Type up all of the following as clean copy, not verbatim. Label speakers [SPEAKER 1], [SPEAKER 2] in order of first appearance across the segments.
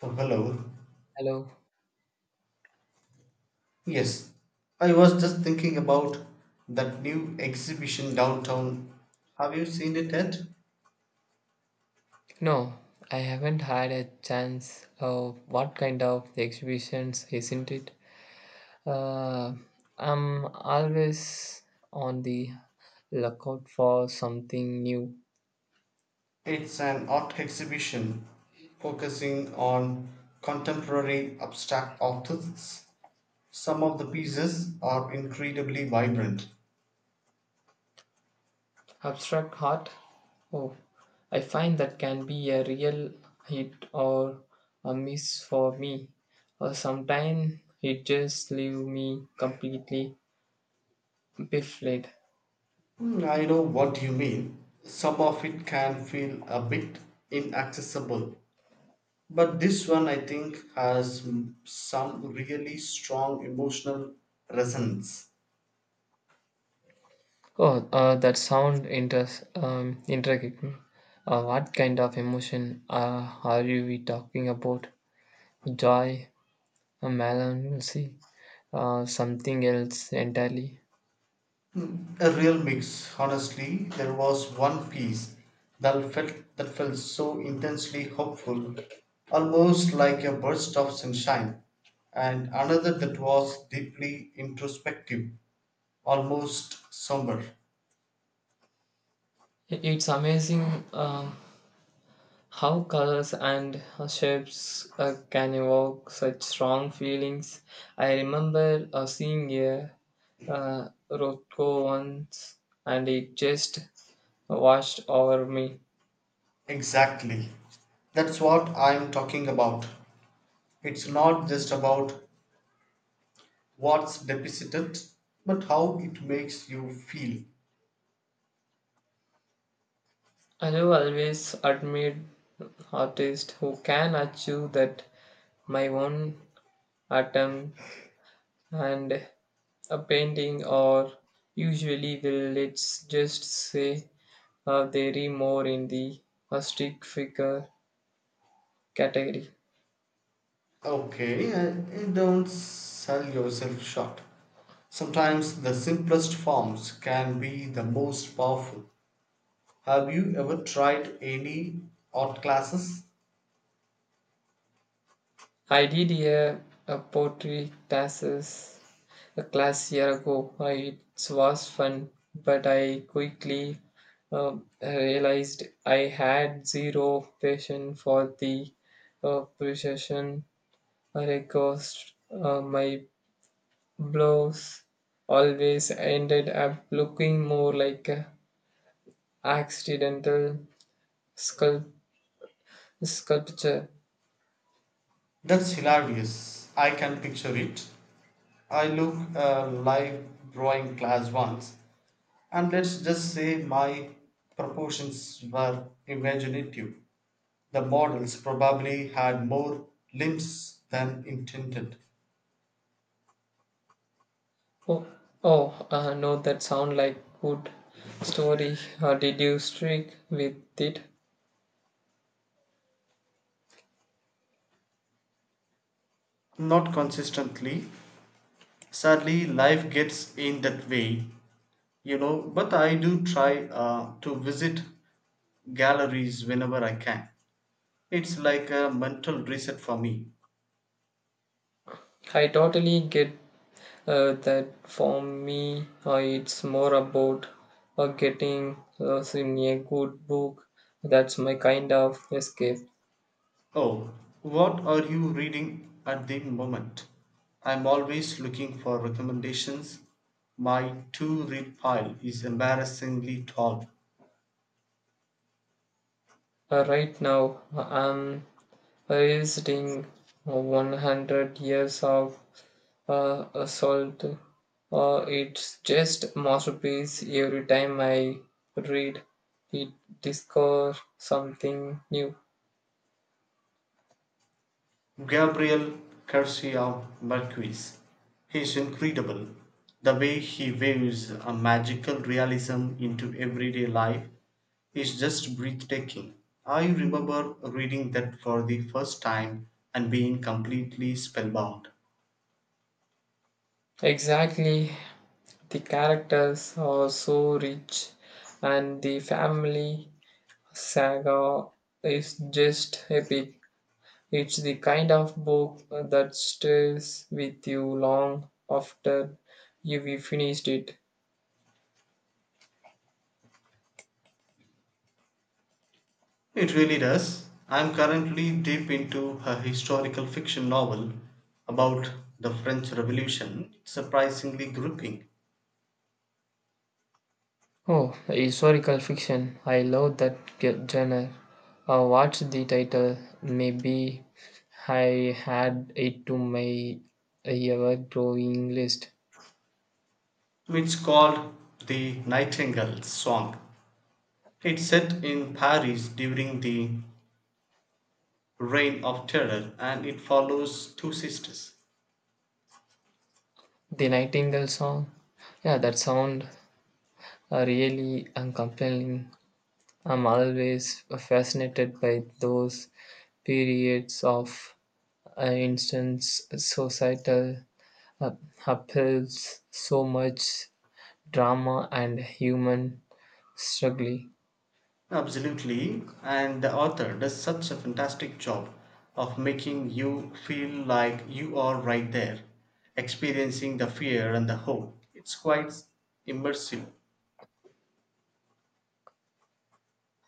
[SPEAKER 1] Oh, hello.
[SPEAKER 2] Hello.
[SPEAKER 1] Yes, I was just thinking about that new exhibition downtown. Have you seen it yet?
[SPEAKER 2] No, I haven't had a chance. Of what kind of exhibitions isn't it? Uh, I'm always on the lookout for something new.
[SPEAKER 1] It's an art exhibition focusing on contemporary abstract artists. Some of the pieces are incredibly vibrant.
[SPEAKER 2] Abstract art. Oh, I find that can be a real hit or a miss for me. Or sometimes it just leaves me completely baffled.
[SPEAKER 1] Hmm, I know what you mean. Some of it can feel a bit inaccessible, but this one I think has some really strong emotional resonance.
[SPEAKER 2] Oh, that sound intricate. What kind of emotion are you we talking about? Joy, melancholy, something else entirely?
[SPEAKER 1] A real mix, honestly. There was one piece that felt so intensely hopeful, almost like a burst of sunshine, and another that was deeply introspective, almost somber.
[SPEAKER 2] It's amazing uh, how colors and shapes can evoke such strong feelings. I remember seeing a Rothko once, and it just washed over me.
[SPEAKER 1] Exactly. That's what I'm talking about. It's not just about what's deposited, but how it makes you feel.
[SPEAKER 2] I have always admired artists who can achieve that my own atom and a painting or usually will let's just say they are more in the artistic figure category.
[SPEAKER 1] Okay, don't sell yourself short. Sometimes the simplest forms can be the most powerful. Have you ever tried any art classes?
[SPEAKER 2] I did a poetry classes a class year ago. I, it was fun, but I quickly realized I had zero passion for the precision request. My blows always ended up looking more like a accidental sculpt- sculpture.
[SPEAKER 1] That's hilarious. I can picture it. I look a live drawing class once, and let's just say my proportions were imaginative. The models probably had more limbs than intended.
[SPEAKER 2] Oh, oh, no, that sound like good story. Did you stick with it?
[SPEAKER 1] Not consistently, sadly life gets in that way, but I do try to visit galleries whenever I can. It's like a mental reset for me.
[SPEAKER 2] I totally get that. For me, it's more about getting lost in a good book. That's my kind of escape.
[SPEAKER 1] Oh, what are you reading at the moment? I'm always looking for recommendations. My to read pile is embarrassingly tall.
[SPEAKER 2] Right now, I'm revisiting 100 years of assault. It's just masterpiece every time I read it discover something new.
[SPEAKER 1] Gabriel Garcia Marquez. He's incredible. The way he weaves a magical realism into everyday life is just breathtaking. I remember reading that for the first time and being completely spellbound.
[SPEAKER 2] Exactly, the characters are so rich and the family saga is just epic. It's the kind of book that stays with you long after you've finished it.
[SPEAKER 1] It really does. I'm currently deep into a historical fiction novel about the French Revolution, surprisingly gripping.
[SPEAKER 2] Oh, historical fiction. I love that genre. What's the title? Maybe I had it to my ever growing list.
[SPEAKER 1] It's called The Nightingale's Song. It set in Paris during the Reign of Terror and it follows two sisters.
[SPEAKER 2] The Nightingale song. Yeah, that sound really compelling. I'm always fascinated by those periods of, societal uh, upheavals, so much drama and human struggle.
[SPEAKER 1] Absolutely, and the author does such a fantastic job of making you feel like you are right there, experiencing the fear and the hope. It's quite immersive.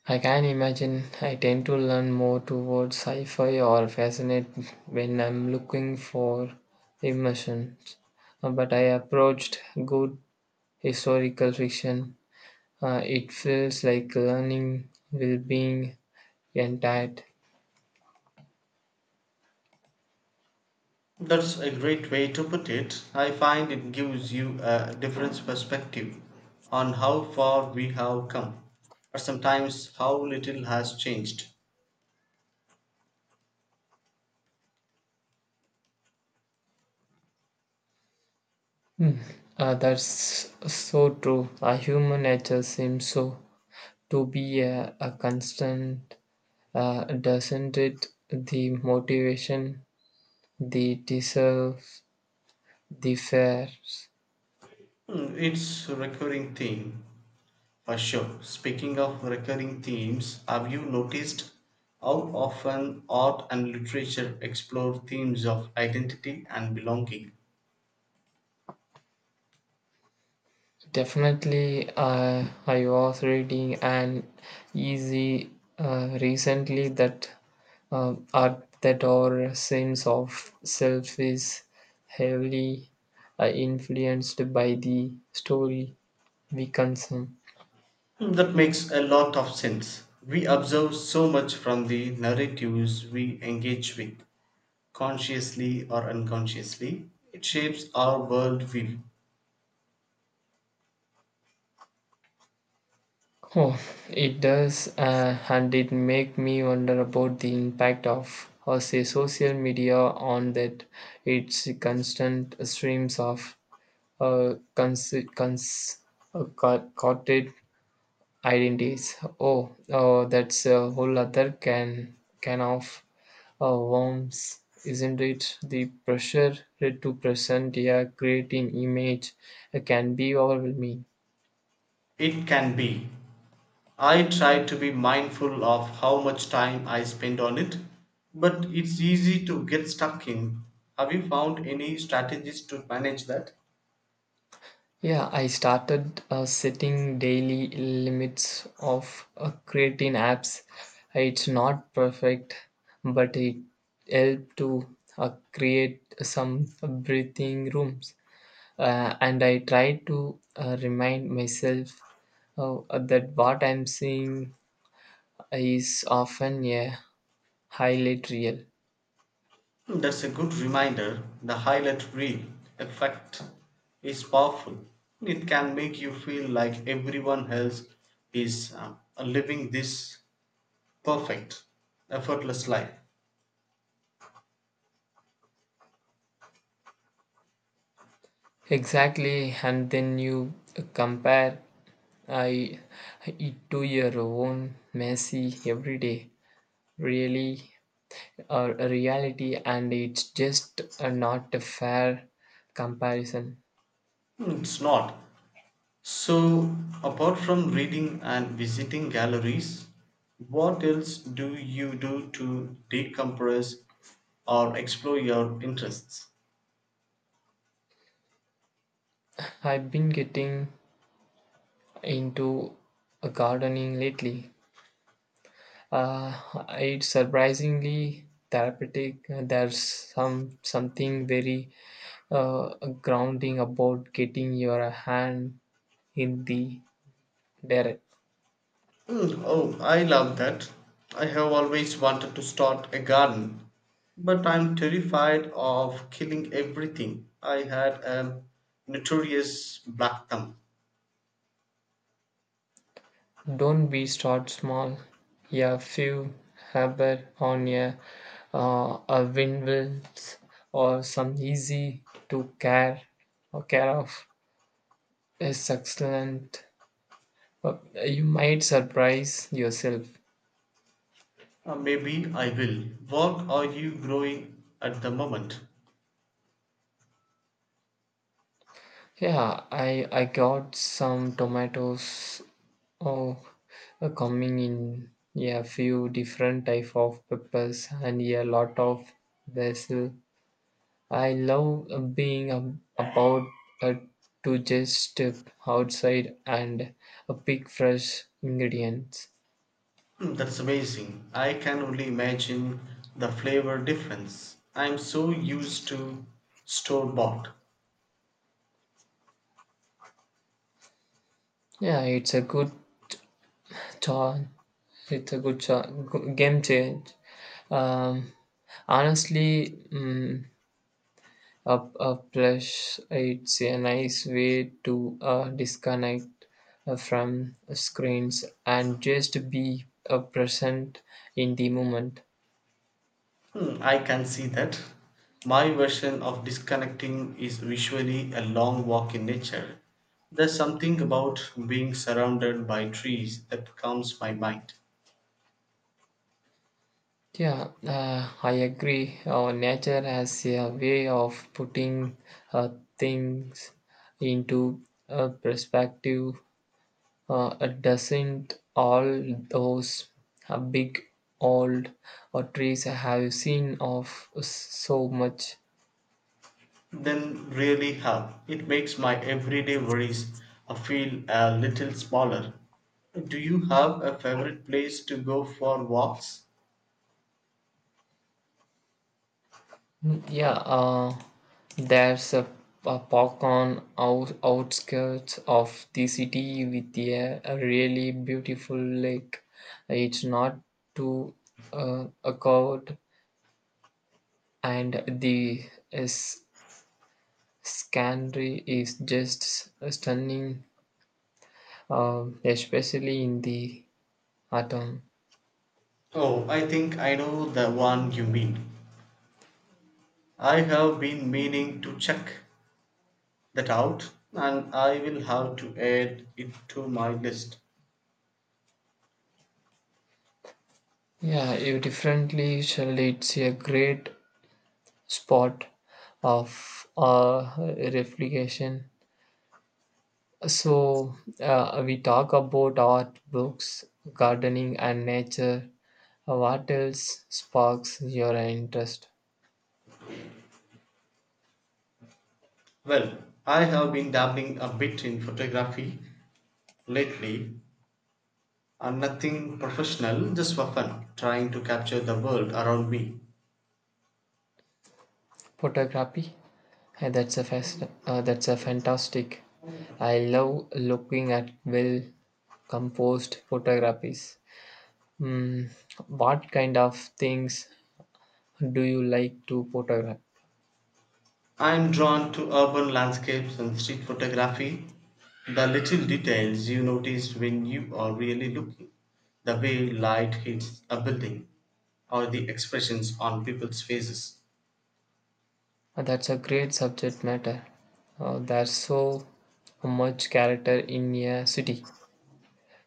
[SPEAKER 2] I can imagine I tend to learn more towards sci fi or fascinate when I'm looking for immersion. But I approached good historical fiction. It feels like learning will being entire.
[SPEAKER 1] That's a great way to put it. I find it gives you a different perspective on how far we have come, or sometimes how little has changed.
[SPEAKER 2] Hmm. That's so true. Our human nature seems so to be a constant, doesn't it? The motivation, the deserve, the fears.
[SPEAKER 1] It's a recurring theme for sure. Speaking of recurring themes, have you noticed how often art and literature explore themes of identity and belonging?
[SPEAKER 2] Definitely, I was reading an easy recently that art that our sense of self is heavily influenced by the story we consume.
[SPEAKER 1] That makes a lot of sense. We observe so much from the narratives we engage with, consciously or unconsciously. It shapes our worldview.
[SPEAKER 2] Oh, it does, and it make me wonder about the impact of, or say, social media on that. It's constant streams of uh, cons, cons corporate identities. Oh, that's a whole other can of worms, isn't it? The pressure to present a creating image can be overwhelming.
[SPEAKER 1] It can be. I try to be mindful of how much time I spend on it, but it's easy to get stuck in. Have you found any strategies to manage that?
[SPEAKER 2] Yeah, I started setting daily limits of creating apps. It's not perfect, but it helped to create some breathing rooms. And I try to remind myself that what I'm seeing is often a highlight reel.
[SPEAKER 1] Hmm, that's a good reminder. The highlight reel effect is powerful. It can make you feel like everyone else is living this perfect, effortless life.
[SPEAKER 2] Exactly, and then you compare I, it to your own messy everyday, really, or reality, and it's just not a fair comparison.
[SPEAKER 1] Hmm, it's not. So, apart from reading and visiting galleries, what else do you do to decompress or explore your interests?
[SPEAKER 2] I've been getting into gardening lately. Uh, it's surprisingly therapeutic. There's something very uh, grounding about getting your hand in the dirt.
[SPEAKER 1] Hmm, oh, I love that. I have always wanted to start a garden, but I'm terrified of killing everything. I had a notorious black thumb.
[SPEAKER 2] Don't be start small. A few habit on a windmills or some easy to care or care of is excellent. Uh, You might surprise yourself.
[SPEAKER 1] Maybe I will. What are you growing at the moment?
[SPEAKER 2] Yeah, I got some tomatoes oh coming in, yeah, a few different type of peppers and a lot of basil. I love about uh, to just step outside and pick fresh ingredients.
[SPEAKER 1] That's amazing. I can only imagine the flavor difference. I'm so used to store bought.
[SPEAKER 2] Yeah, cha- it's a good game change. Um, honestly, mm up a plush, it's a nice way to disconnect from screens and just be present in the moment.
[SPEAKER 1] Hmm, I can see that. My version of disconnecting is usually a long walk in nature. There's something about being surrounded by trees that calms my mind.
[SPEAKER 2] Yeah, I agree. Nature has a way of putting uh, things into a perspective. It doesn't all those big old trees I have seen of so much.
[SPEAKER 1] Then really help. It makes my everyday worries feel a little smaller. Do you have a favorite place to go for walks?
[SPEAKER 2] Yeah, there's a park on outskirts of the city with a really beautiful lake. It's not too a crowd, and the uh, s- scenery is just stunning, especially in the autumn.
[SPEAKER 1] Oh, I think I know the one you mean. I have been meaning to check that out and I will have to add it to my list.
[SPEAKER 2] Yeah, you definitely shall. It's a great spot of reflection. So, we talk about art, books, gardening, and nature. What else sparks your interest?
[SPEAKER 1] Well, I have been dabbling a bit in photography lately, and nothing professional, just for fun, trying to capture the world around me.
[SPEAKER 2] Photography? That's a fantastic. I love looking at well composed photographies. Mm, what kind of things do you like to photograph?
[SPEAKER 1] I'm drawn to urban landscapes and street photography. The little details you notice when you are really looking, the way light hits a building, or the expressions on people's faces.
[SPEAKER 2] That's a great subject matter. There's so much character in a city.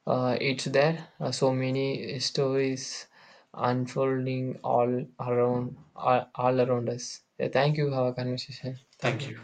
[SPEAKER 2] It's there are so many stories unfolding all around us. Yeah, thank you. Have a conversation. Thank
[SPEAKER 1] Thank
[SPEAKER 2] you.
[SPEAKER 1] you.